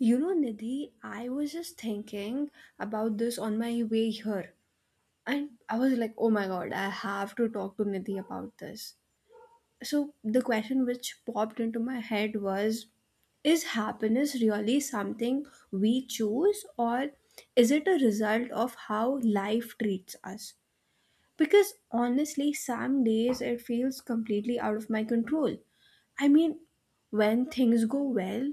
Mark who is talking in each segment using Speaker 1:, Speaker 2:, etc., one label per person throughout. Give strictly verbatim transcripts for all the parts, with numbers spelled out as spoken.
Speaker 1: You know, Nidhi, I was just thinking about this on my way here. And I was like, oh my god, I have to talk to Nidhi about this. So, the question which popped into my head was: is happiness really something we choose, or is it a result of how life treats us? Because honestly, some days it feels completely out of my control. I mean, when things go well,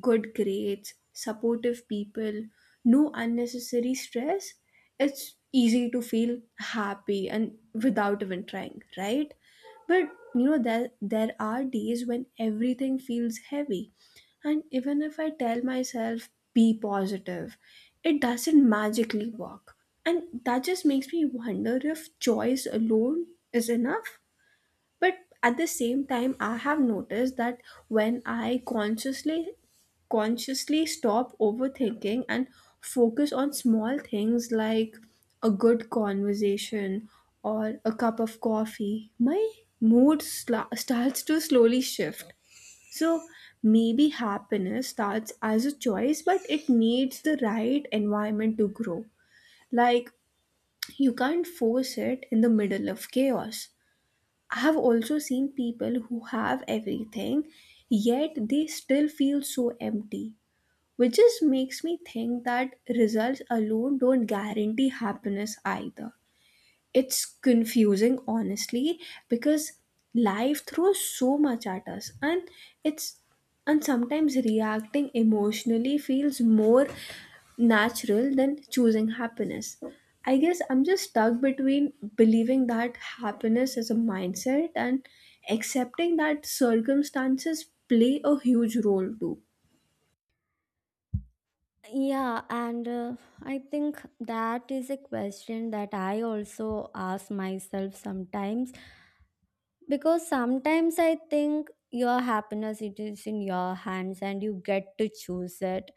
Speaker 1: good grades, supportive people, no unnecessary stress, it's easy to feel happy and without even trying, right? But you know, there, there are days when everything feels heavy, and even if I tell myself, be positive, it doesn't magically work. And that just makes me wonder if choice alone is enough. But at the same time, I have noticed that when I consciously consciously stop overthinking and focus on small things like a good conversation or a cup of coffee, my mood sla- starts to slowly shift. So maybe happiness starts as a choice, but it needs the right environment to grow. Like, you can't force it in the middle of chaos. I have also seen people who have everything, yet they still feel so empty, which just makes me think that results alone don't guarantee happiness either. It's confusing, honestly, because life throws so much at us, and it's and sometimes reacting emotionally feels more natural than choosing happiness. I guess I'm just stuck between believing that happiness is a mindset and accepting that circumstances play a huge role too.
Speaker 2: Yeah, and uh, I think that is a question that I also ask myself sometimes because sometimes I think your happiness it is in your hands and you get to choose it.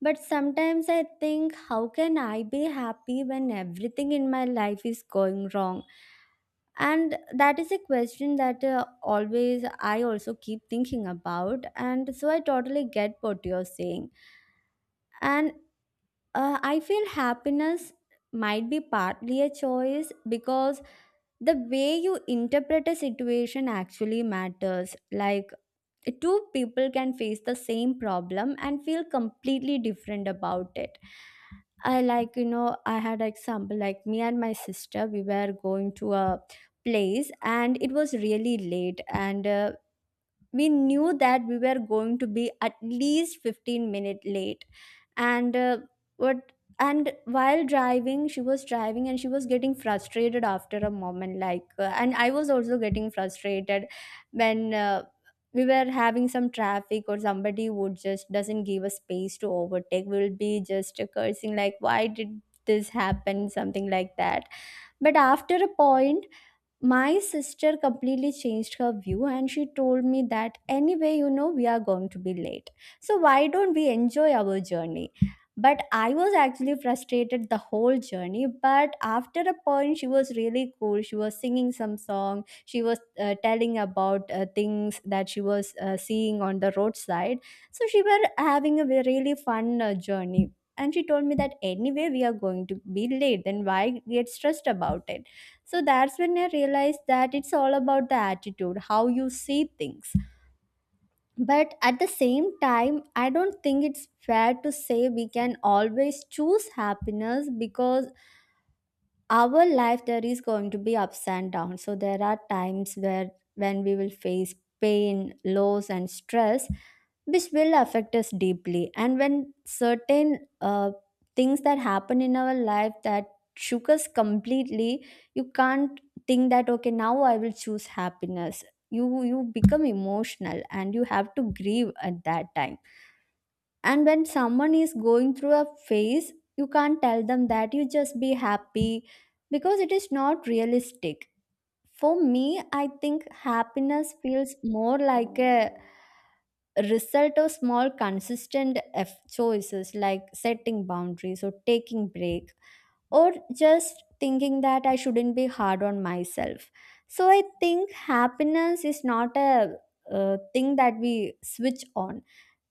Speaker 2: But sometimes I think how can I be happy when everything in my life is going wrong? And that is a question that uh, always i also keep thinking about, and so i totally get what you're saying. And uh, I feel happiness might be partly a choice because the way you interpret a situation actually matters. Like, two people can face the same problem and feel completely different about it. I like, you know, I had example like me and my sister, we were going to a place and it was really late, and uh, we knew that we were going to be at least fifteen minute late, and uh, what and while driving, she was driving and she was getting frustrated after a moment like uh, and i was also getting frustrated when uh, we were having some traffic or somebody would just doesn't give us space to overtake, we will be just cursing like why did this happen, something like that. But after a point, my sister completely changed her view and she told me that anyway, you know, we are going to be late, so why don't we enjoy our journey. But i was actually frustrated the whole journey, but after a point she was really cool, she was singing some song, she was uh, telling about uh, things that she was uh, seeing on the roadside. So she were having a ve- really fun uh, journey, and she told me that anyway we are going to be late, then why get stressed about it. So that's when i realized that it's all about the attitude, how you see things. But at the same time, i don't think it's fair to say we can always choose happiness, because our life there is going to be ups and downs, so there are times where when we will face pain, loss and stress, which will affect us deeply. And when certain uh, things that happen in our life that shook us completely, you can't think that okay now i will choose happiness. You you become emotional and you have to grieve at that time. And when someone is going through a phase, you can't tell them that you just be happy because it is not realistic. For me, I think happiness feels more like a result of small consistent F choices, like setting boundaries or taking break, or just thinking that I shouldn't be hard on myself. So I think happiness is not a uh, thing that we switch on,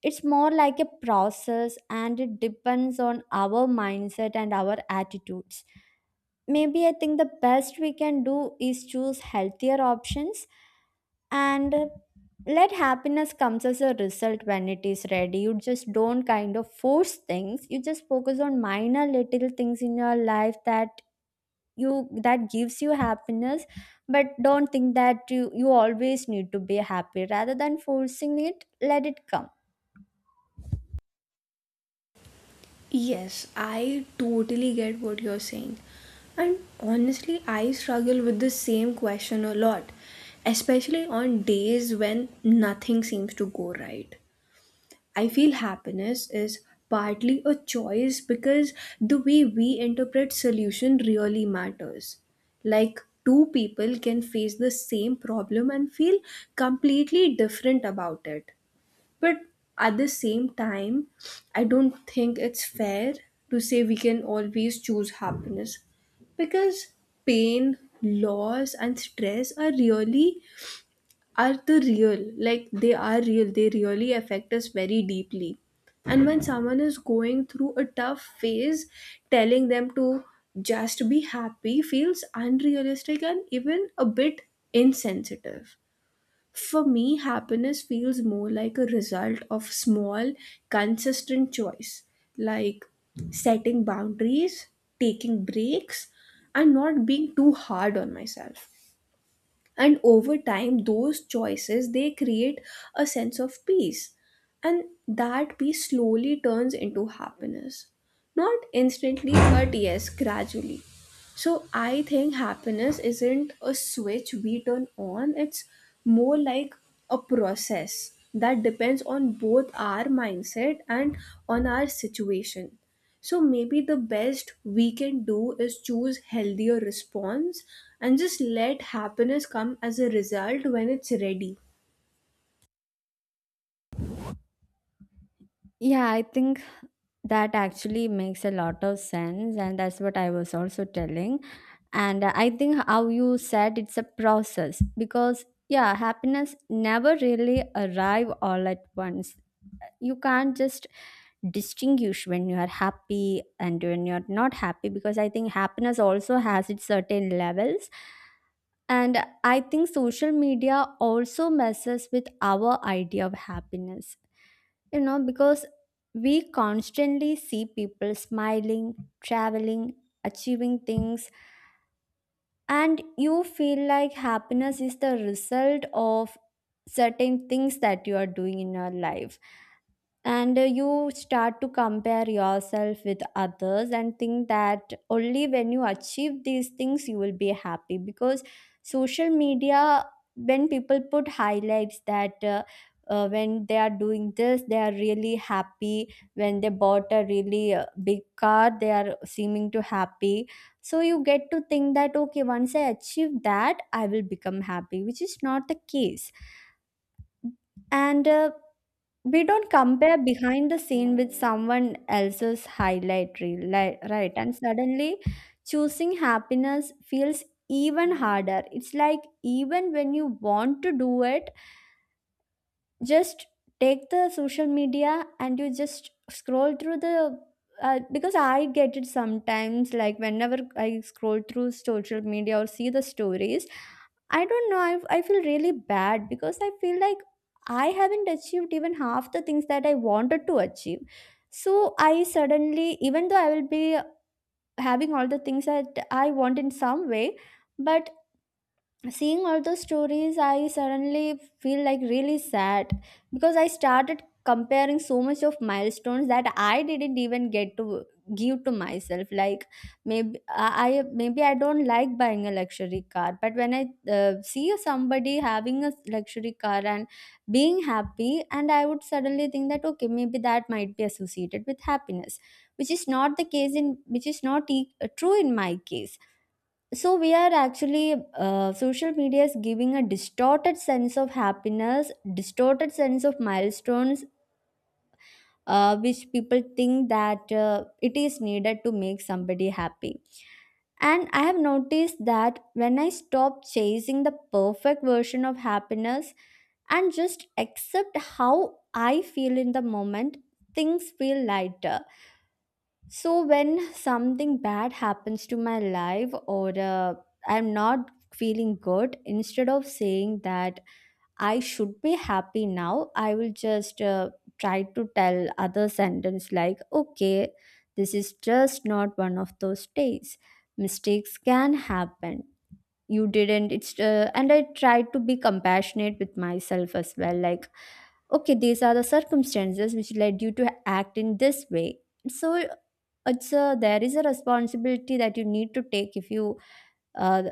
Speaker 2: it's more like a process, and it depends on our mindset and our attitudes. Maybe I think the best we can do is choose healthier options, and let happiness comes as a result when it is ready. You just don't kind of force things, you just focus on minor little things in your life that you that gives you happiness. But don't think that you you always need to be happy, rather than forcing it, let it come.
Speaker 1: Yes, I totally get what you're saying. And honestly, I struggle with the same question a lot, especially on days when nothing seems to go right. I feel happiness is partly a choice because the way we interpret solution really matters. Like, two people can face the same problem and feel completely different about it. But at the same time, I don't think it's fair to say we can always choose happiness because pain, loss, and stress are really are the real, like, they are real they really affect us very deeply. And when someone is going through a tough phase, telling them to just be happy feels unrealistic and even a bit insensitive. For me, happiness feels more like a result of small, consistent choice, like setting boundaries, taking breaks, and not being too hard on myself. And over time those choices, they create a sense of peace, and that peace slowly turns into happiness, not instantly but yes, gradually. So I think happiness isn't a switch we turn on, it's more like a process that depends on both our mindset and on our situation. So maybe the best we can do is choose healthier response and just let happiness come as a result when it's ready.
Speaker 2: Yeah, i think that actually makes a lot of sense, and that's what I was also telling. And I think how you said it's a process because, yeah, happiness never really arrive all at once. You can't just distinguish when you are happy and when you're not happy, because I think happiness also has its certain levels. And I think social media also messes with our idea of happiness, you know, because we constantly see people smiling, traveling, achieving things, and you feel like happiness is the result of certain things that you are doing in your life. And uh, you start to compare yourself with others and think that only when you achieve these things you will be happy, because social media, when people put highlights that uh, uh, when they are doing this they are really happy, when they bought a really uh, big car they are seeming to happy. So you get to think that okay, once i achieve that i will become happy, which is not the case. And uh, we don't compare behind the scene with someone else's highlight reel, li- right? And suddenly choosing happiness feels even harder. It's like even when you want to do it, just take the social media and you just scroll through the uh, because i get it sometimes, like whenever i scroll through social media or see the stories, i don't know, i, I feel really bad because i feel like i haven't achieved even half the things that i wanted to achieve. So i suddenly, even though i will be having all the things that i want in some way, but seeing all those stories i suddenly feel like really sad, because i started comparing so much of milestones that i didn't even get to give to myself. Like maybe i I- maybe i don't like buying a luxury car, but when i uh, see somebody having a luxury car and being happy, and I would suddenly think that okay, maybe that might be associated with happiness, which is not the case, in which is not e- true in my case. So we are actually uh, social media is giving a distorted sense of happiness, distorted sense of milestones, uh, which people think that uh, it is needed to make somebody happy. And i have noticed that when i stop chasing the perfect version of happiness and just accept how i feel in the moment, things feel lighter. So when something bad happens to my life or uh, I'm not feeling good, instead of saying that I should be happy now, I will just uh, try to tell other sentence like, okay, this is just not one of those days. Mistakes can happen. You didn't. It's uh, and I try to be compassionate with myself as well. Like okay, these are the circumstances which led you to act in this way. So it's a, there is a responsibility that you need to take if you uh,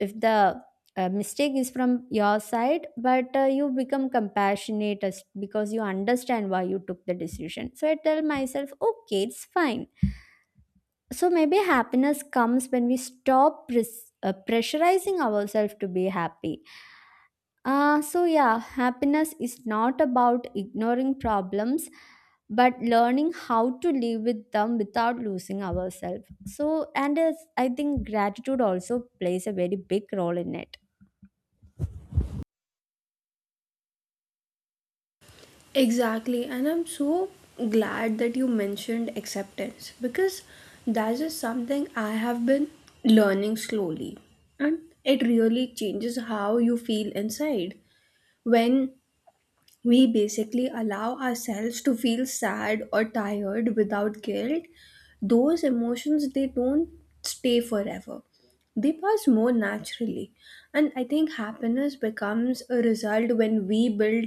Speaker 2: if the uh, mistake is from your side, but uh, you become compassionate as, because you understand why you took the decision, so i tell myself okay it's fine. So maybe happiness comes when we stop pres- uh, pressurizing ourselves to be happy. Uh, so, yeah, happiness is not about ignoring problems, but learning how to live with them without losing ourselves. So, and it's, I think gratitude also plays a very big role in it.
Speaker 1: Exactly, and I'm so glad that you mentioned acceptance because that is something I have been learning slowly, and it really changes how you feel inside. When we basically allow ourselves to feel sad or tired without guilt, those emotions, they don't stay forever, they pass more naturally. And I think happiness becomes a result when we build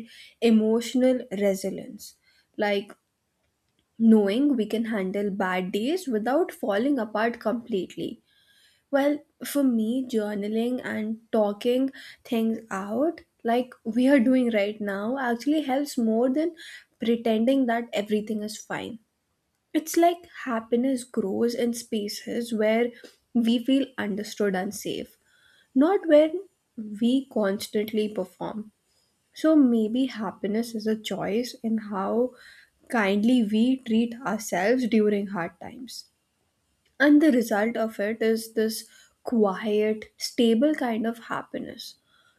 Speaker 1: emotional resilience, like knowing we can handle bad days without falling apart completely. Well, for me, journaling and talking things out, like we are doing right now, actually helps more than pretending that everything is fine. It's like happiness grows in spaces where we feel understood and safe, not where we constantly perform. So maybe happiness is a choice in how kindly we treat ourselves during hard times. And the result of it is this quiet, stable kind of happiness.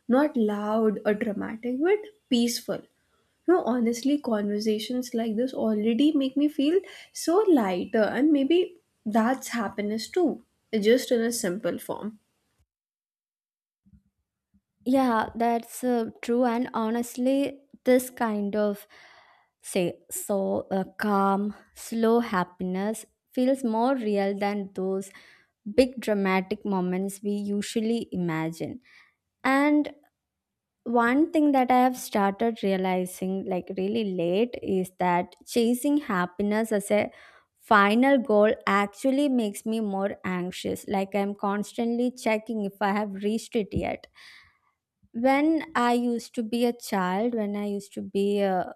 Speaker 1: Not loud or dramatic, but peaceful. No, honestly, conversations like this already make me feel so lighter, and maybe that's happiness too, just in a simple form.
Speaker 2: Yeah, that's uh, true. And honestly, this kind of say so uh, calm, slow happiness feels more real than those big dramatic moments we usually imagine. And one thing that I have started realizing, like really late, is that chasing happiness as a final goal actually makes me more anxious. Like I'm constantly checking if I have reached it yet. When I used to be a child, when I used to be a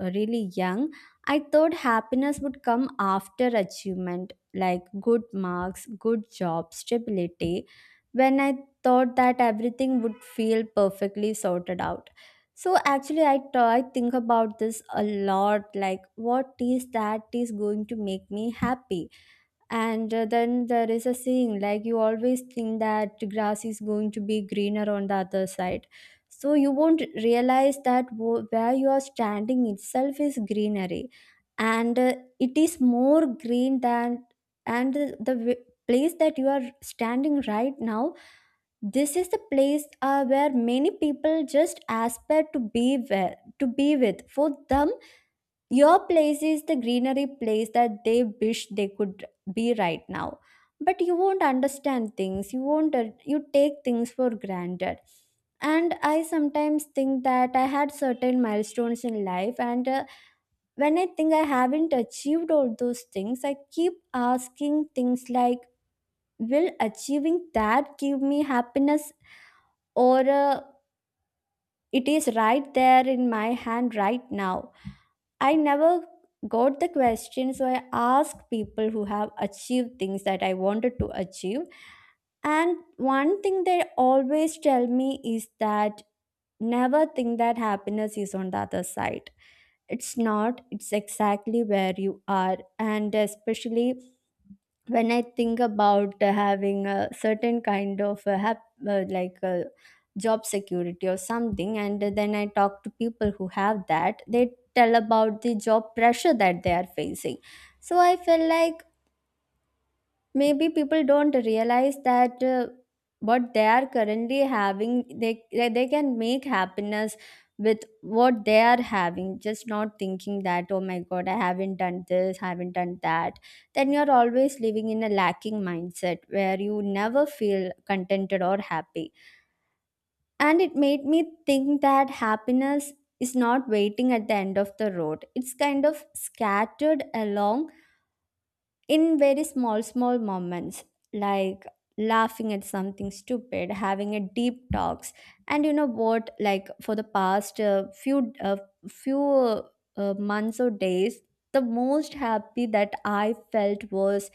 Speaker 2: uh, really young, I thought happiness would come after achievement, like good marks, good job, stability, when I thought that everything would feel perfectly sorted out. So actually, I try think about this a lot. Like, what is that is going to make me happy? And uh, then there is a saying like you always think that grass is going to be greener on the other side. So you won't realize that wo- where you are standing itself is greenery, and uh, it is more green than, and the, the w- place that you are standing right now, this is the place uh, where many people just aspire to be where, to be with for them, your place is the greenery place that they wish they could be right now. But you won't understand things. You won't, uh, you take things for granted. And I sometimes think that I had certain milestones in life, and uh, when I think I haven't achieved all those things, I keep asking things like, will achieving that give me happiness? Or uh, it is right there in my hand right now? I never got the question, so I asked people who have achieved things that I wanted to achieve. And one thing they always tell me is that never think that happiness is on the other side. It's not, it's exactly where you are. And especially when I think about uh, having a certain kind of uh, hap- uh, like uh, job security or something, and then I talk to people who have that, they tell about the job pressure that they are facing. So I feel like maybe people don't realize that uh, what they are currently having they they they can make happiness with what they are having, just not thinking that oh my god, I haven't done this, haven't done that. Then you're always living in a lacking mindset where you never feel contented or happy. And it made me think that happiness is not waiting at the end of the road, it's kind of scattered along in very small small moments, like laughing at something stupid, having a deep talks. And you know what, like for the past uh, few uh, few uh, months or days, the most happy that I felt was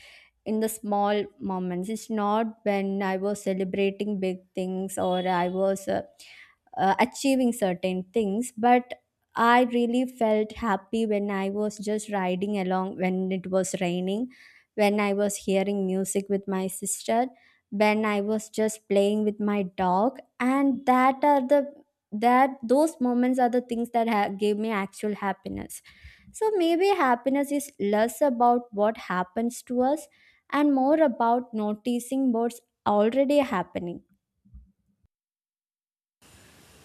Speaker 2: in the small moments. It's not when I was celebrating big things or I was uh, uh, achieving certain things, but I really felt happy when I was just riding along when it was raining, when I was hearing music with my sister, when I was just playing with my dog. And that are the that those moments are the things that ha- gave me actual happiness. So maybe happiness is less about what happens to us and more about noticing what's already happening.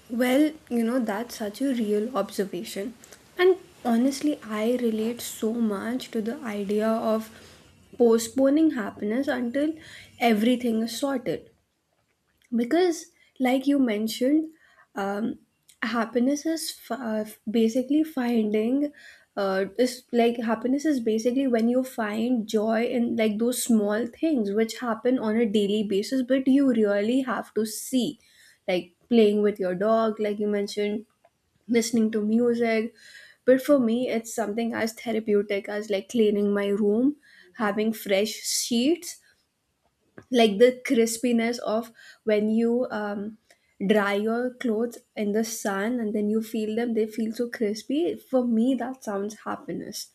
Speaker 1: Well, you know, that's such a real observation. And honestly, I relate so much to the idea of postponing happiness until everything is sorted. Because, like you mentioned, um, happiness is f- uh, basically finding uh, is like happiness is basically when you find joy in, like, those small things which happen on a daily basis, but you really have to see, like playing with your dog, like you mentioned, listening to music. But for me it's something as therapeutic as, like, cleaning my room, having fresh sheets, like the crispiness of when you um, dry your clothes in the sun and then you feel them, they feel so crispy. For me that sounds happiness.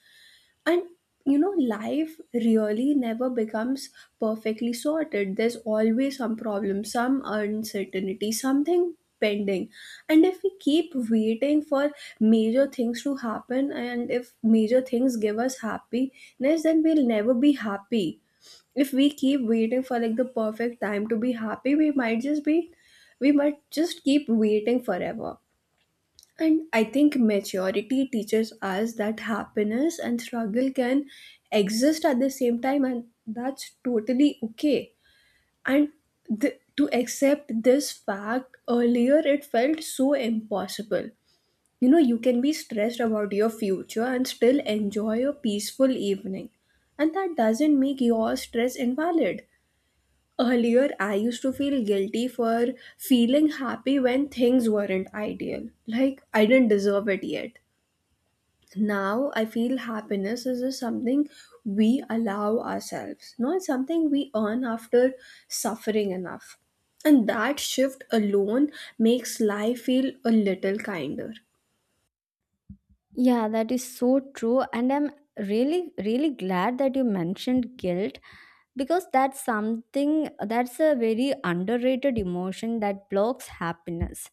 Speaker 1: And you know, life really never becomes perfectly sorted. There's always some problem, some uncertainty, something pending. And if we keep waiting for major things to happen, and if major things give us happiness, then we'll never be happy. If we keep waiting for, like, the perfect time to be happy, we might just be we might just keep waiting forever. And I think maturity teaches us that happiness and struggle can exist at the same time, and that's totally okay. And th- to accept this fact earlier, it felt so impossible. You know, you can be stressed about your future and still enjoy a peaceful evening, and that doesn't make your stress invalid. Earlier, I used to feel guilty for feeling happy when things weren't ideal. Like, I didn't deserve it yet. Now, I feel happiness is just something we allow ourselves, not something we earn after suffering enough. And that shift alone makes life feel a little kinder.
Speaker 2: Yeah, that is so true. And I'm really, really glad that you mentioned guilt, because that's something that's a very underrated emotion that blocks happiness.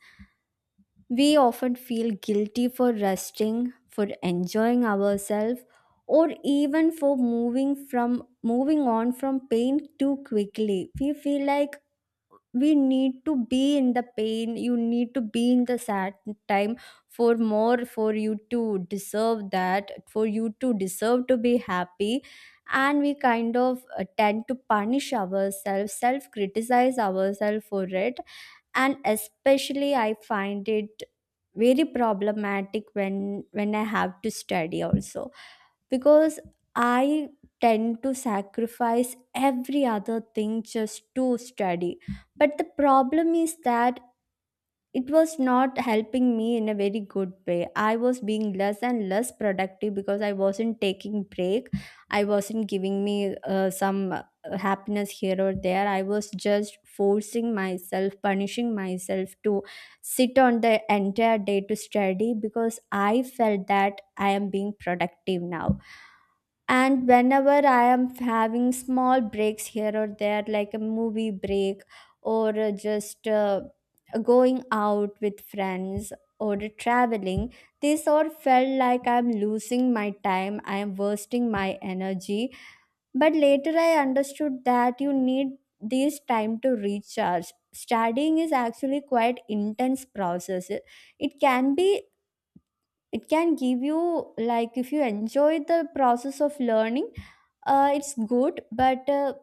Speaker 2: We often feel guilty for resting, for enjoying ourselves, or even for moving from moving on from pain too quickly. We feel like we need to be in the pain, you need to be in the sad time for more, for you to deserve that, for you to deserve to be happy. And we kind of uh, tend to punish ourselves, self criticize ourselves for it. And especially, I find it very problematic when when I have to study also, because I tend to sacrifice every other thing just to study. But the problem is that it was not helping me in a very good way. I was being less and less productive because I wasn't taking break, I wasn't giving me uh, some uh, happiness here or there. I was just forcing myself, punishing myself to sit on the entire day to study because I felt that I am being productive now. And whenever I am having small breaks here or there, like a movie break or uh, just uh, going out with friends or traveling, this all felt like I'm losing my time, I am wasting my energy. But later I understood that you need this time to recharge. Studying is actually quite intense process. It it can be it can give you, like if you enjoy the process of learning, uh, it's good. But uh,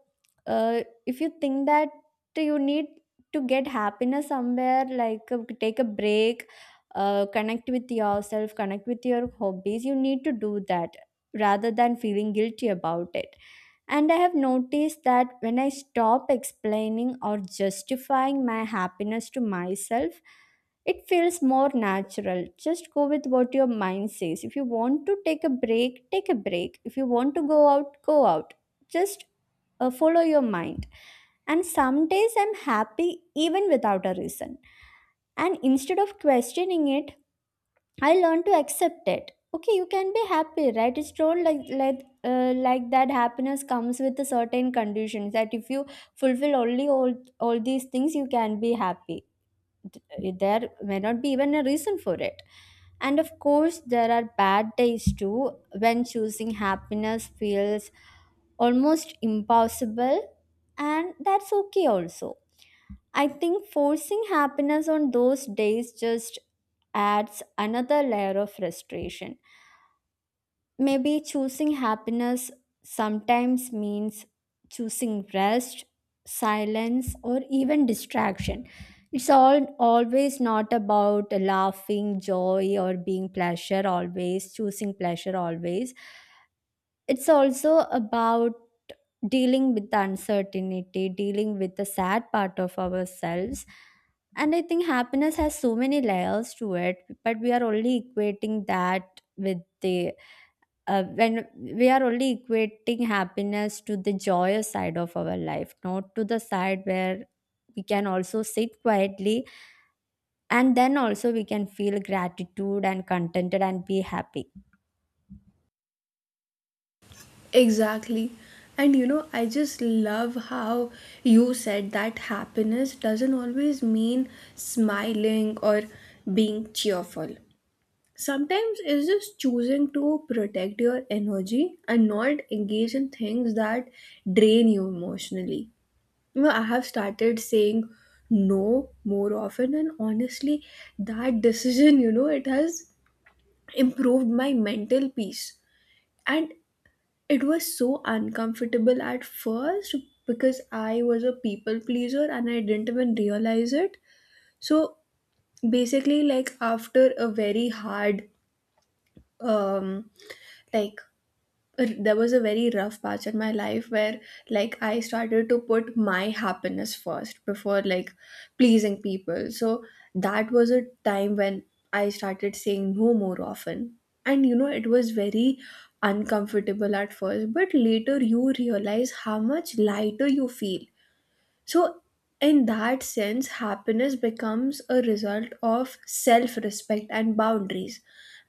Speaker 2: uh, if you think that you need to get happiness somewhere, like uh, take a break, uh, connect with yourself, connect with your hobbies, you need to do that rather than feeling guilty about it. And I have noticed that when I stop explaining or justifying my happiness to myself, it feels more natural. Just go with what your mind says. If you want to take a break, take a break. If you want to go out, go out. Just uh, follow your mind. And some days I'm happy even without a reason. And instead of questioning it, I learn to accept it. Okay, you can be happy, right? It's not like like uh, like that. Happiness comes with a certain conditions that if you fulfill only all all these things, you can be happy. D- there may not be even a reason for it. And of course there are bad days too, when choosing happiness feels almost impossible. And that's okay also. I think forcing happiness on those days just adds another layer of frustration. Maybe choosing happiness sometimes means choosing rest, silence, or even distraction. It's all always not about laughing, joy, or being pleasure always, choosing pleasure always. It's also about dealing with the uncertainty, dealing with the sad part of ourselves. And I think happiness has so many layers to it, but we are only equating that with the uh, when we are only equating happiness to the joyous side of our life, not to the side where we can also sit quietly, and then also we can feel gratitude and contented and be happy.
Speaker 1: Exactly. And you know, I just love how you said that happiness doesn't always mean smiling or being cheerful. Sometimes it's just choosing to protect your energy and not engage in things that drain you emotionally. You know, I have started saying no more often, and honestly, that decision, you know, it has improved my mental peace. And it was so uncomfortable at first because I was a people pleaser and I didn't even realize it. So basically, like, after a very hard, um, like, there was a very rough patch in my life where, like, I started to put my happiness first before, like, pleasing people. So that was a time when I started saying no more often. And you know, it was very uncomfortable at first, but later you realize how much lighter you feel. So, in that sense, happiness becomes a result of self respect and boundaries.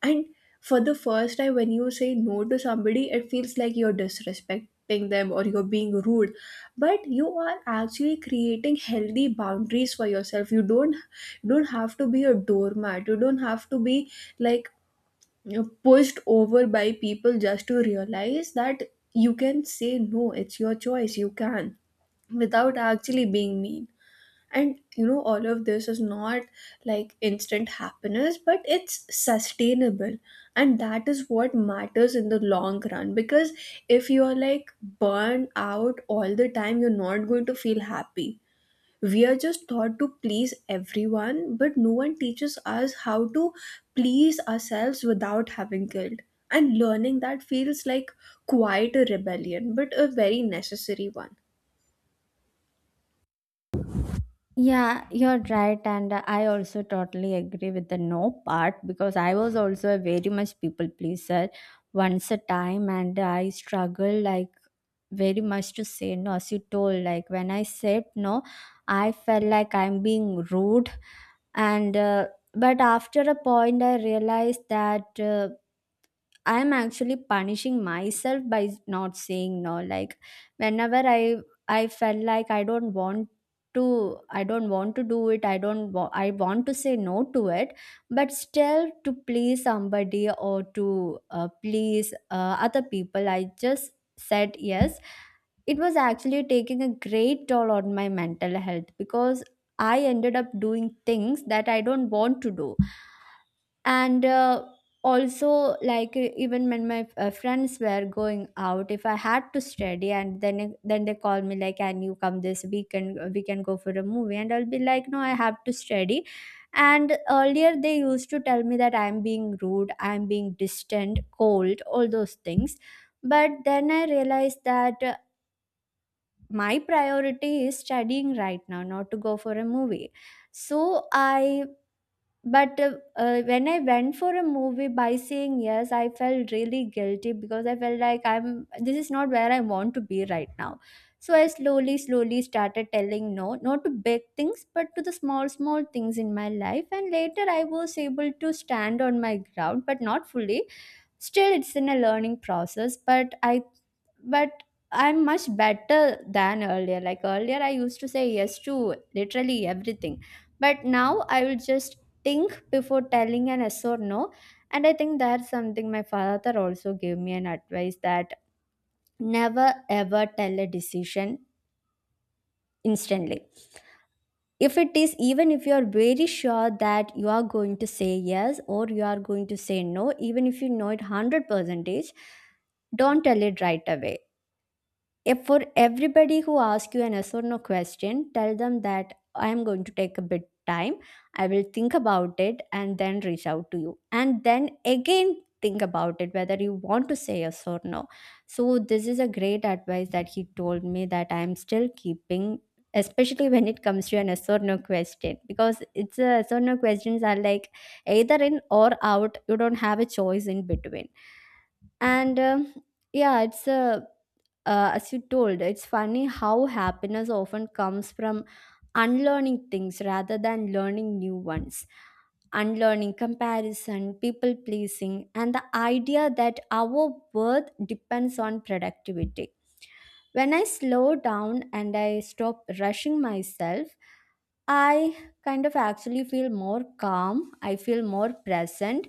Speaker 1: And for the first time, when you say no to somebody, it feels like you're disrespecting them or you're being rude. But you are actually creating healthy boundaries for yourself. You don't, you don't have to be a doormat, you don't have to be, like, you know, pushed over by people, just to realize that you can say no, it's your choice, you can, without actually being mean. And you know, all of this is not like instant happiness, but it's sustainable. And that is what matters in the long run because if you are, like, burned out all the time, you're not going to feel happy. We are just taught to please everyone, but no one teaches us how to please ourselves without having guilt. And learning that feels like quite a rebellion, but a very necessary one.
Speaker 2: Yeah, you're right. And uh, I also totally agree with the no part, because I was also a very much people pleaser once a time, and I struggled like very much to say no. As you told, like when I said no, I felt like I'm being rude. And uh, but after a point I realized that uh, I'm actually punishing myself by not saying no. Like whenever I I felt like I don't want to I don't want to do it. I don't wa- I want to say no to it, but still to please somebody or to uh, please uh, other people, I just said yes. It was actually taking a great toll on my mental health because I ended up doing things that I don't want to do. And uh, also like e- even when my uh, friends were going out, if I had to study, and then it- then they call me like, can you come this weekend, we can go for a movie, and I'll be like, no, I have to study. And earlier they used to tell me that I'm being rude, I'm being distant, cold, all those things. But then I realized that uh, my priority is studying right now, not to go for a movie. So I but uh, uh, when I went for a movie by saying yes, I felt really guilty because I felt like I'm this is not where I want to be right now. So I slowly slowly started telling no, not to big things but to the small small things in my life. And later I was able to stand on my ground, but not fully. Still it's in a learning process, but i but I'm much better than earlier. Like earlier, I used to say yes to literally everything. But now I will just think before telling an yes or no. And I think that's something my father also gave me an advice, that never ever tell a decision instantly. If it is, Even if you are very sure that you are going to say yes or you are going to say no, even if you know it one hundred percentage, don't tell it right away. If for everybody who asks you an yes or no question, tell them that I am going to take a bit time. I will think about it and then reach out to you. And then again think about it whether you want to say yes or no. So this is a great advice that he told me that I am still keeping, especially when it comes to an yes or no question, because it's a yes or no questions are like either in or out, you don't have a choice in between. And um, yeah, it's a, uh, as you told, it's funny how happiness often comes from unlearning things rather than learning new ones. Unlearning comparison, people pleasing, and the idea that our worth depends on productivity. When I slow down and I stop rushing myself, I kind of actually feel more calm, I feel more present.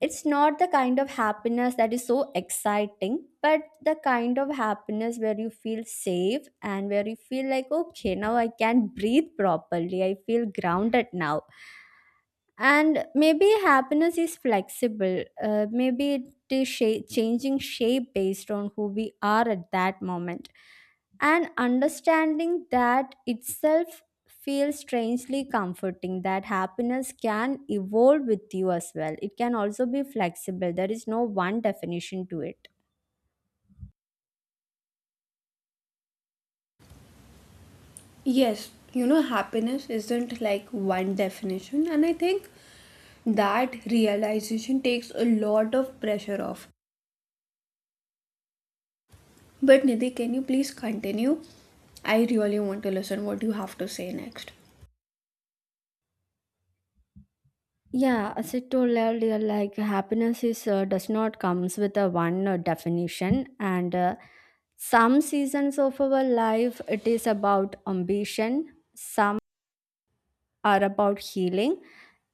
Speaker 2: It's not the kind of happiness that is so exciting, but the kind of happiness where you feel safe and where you feel like, okay, now I can breathe properly. I feel grounded now. And maybe happiness is flexible. Uh, maybe it is sha- changing shape based on who we are at that moment. And understanding that itself feels strangely comforting, that happiness can evolve with you as well, it can also be flexible, there is no one definition to it.
Speaker 1: Yes, you know, happiness isn't like one definition, and I think that realization takes a lot of pressure off. But Nidhi, can you please continue? I really want to listen what you have to say next.
Speaker 2: Yeah, as I told earlier, like happiness is uh, does not comes with a one uh, definition. And uh, some seasons of our life it is about ambition, some are about healing,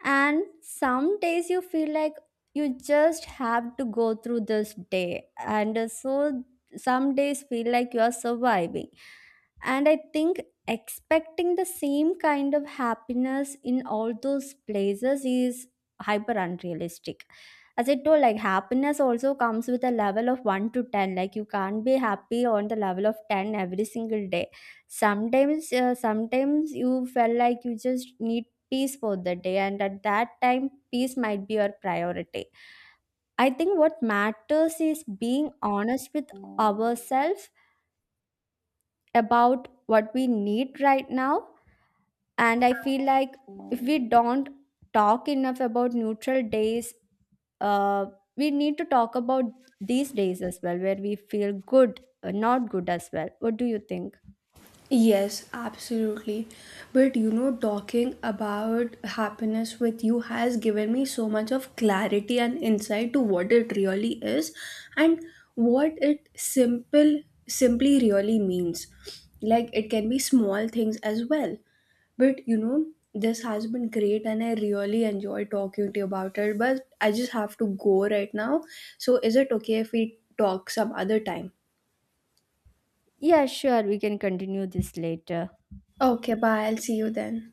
Speaker 2: and some days you feel like you just have to go through this day. And uh, so some days feel like you are surviving. And I think expecting the same kind of happiness in all those places is hyper unrealistic. As I told, like happiness also comes with a level of one to ten. Like you can't be happy on the level of ten every single day. Sometimes uh, sometimes you felt like you just need peace for the day, and at that time peace might be your priority. I think what matters is being honest with ourselves about what we need right now. And I feel like if we don't talk enough about neutral days, uh, we need to talk about these days as well where we feel good uh, not good as well. What do you think?
Speaker 1: Yes, absolutely. But you know, talking about happiness with you has given me so much of clarity and insight to what it really is and what it simple simply really means. Like, it can be small things as well. But you know, this has been great and I really enjoy talking to you about it. But I just have to go right now. So is it okay if we talk some other time?
Speaker 2: Yeah, sure, we can continue this later.
Speaker 1: Okay, bye. I'll see you then.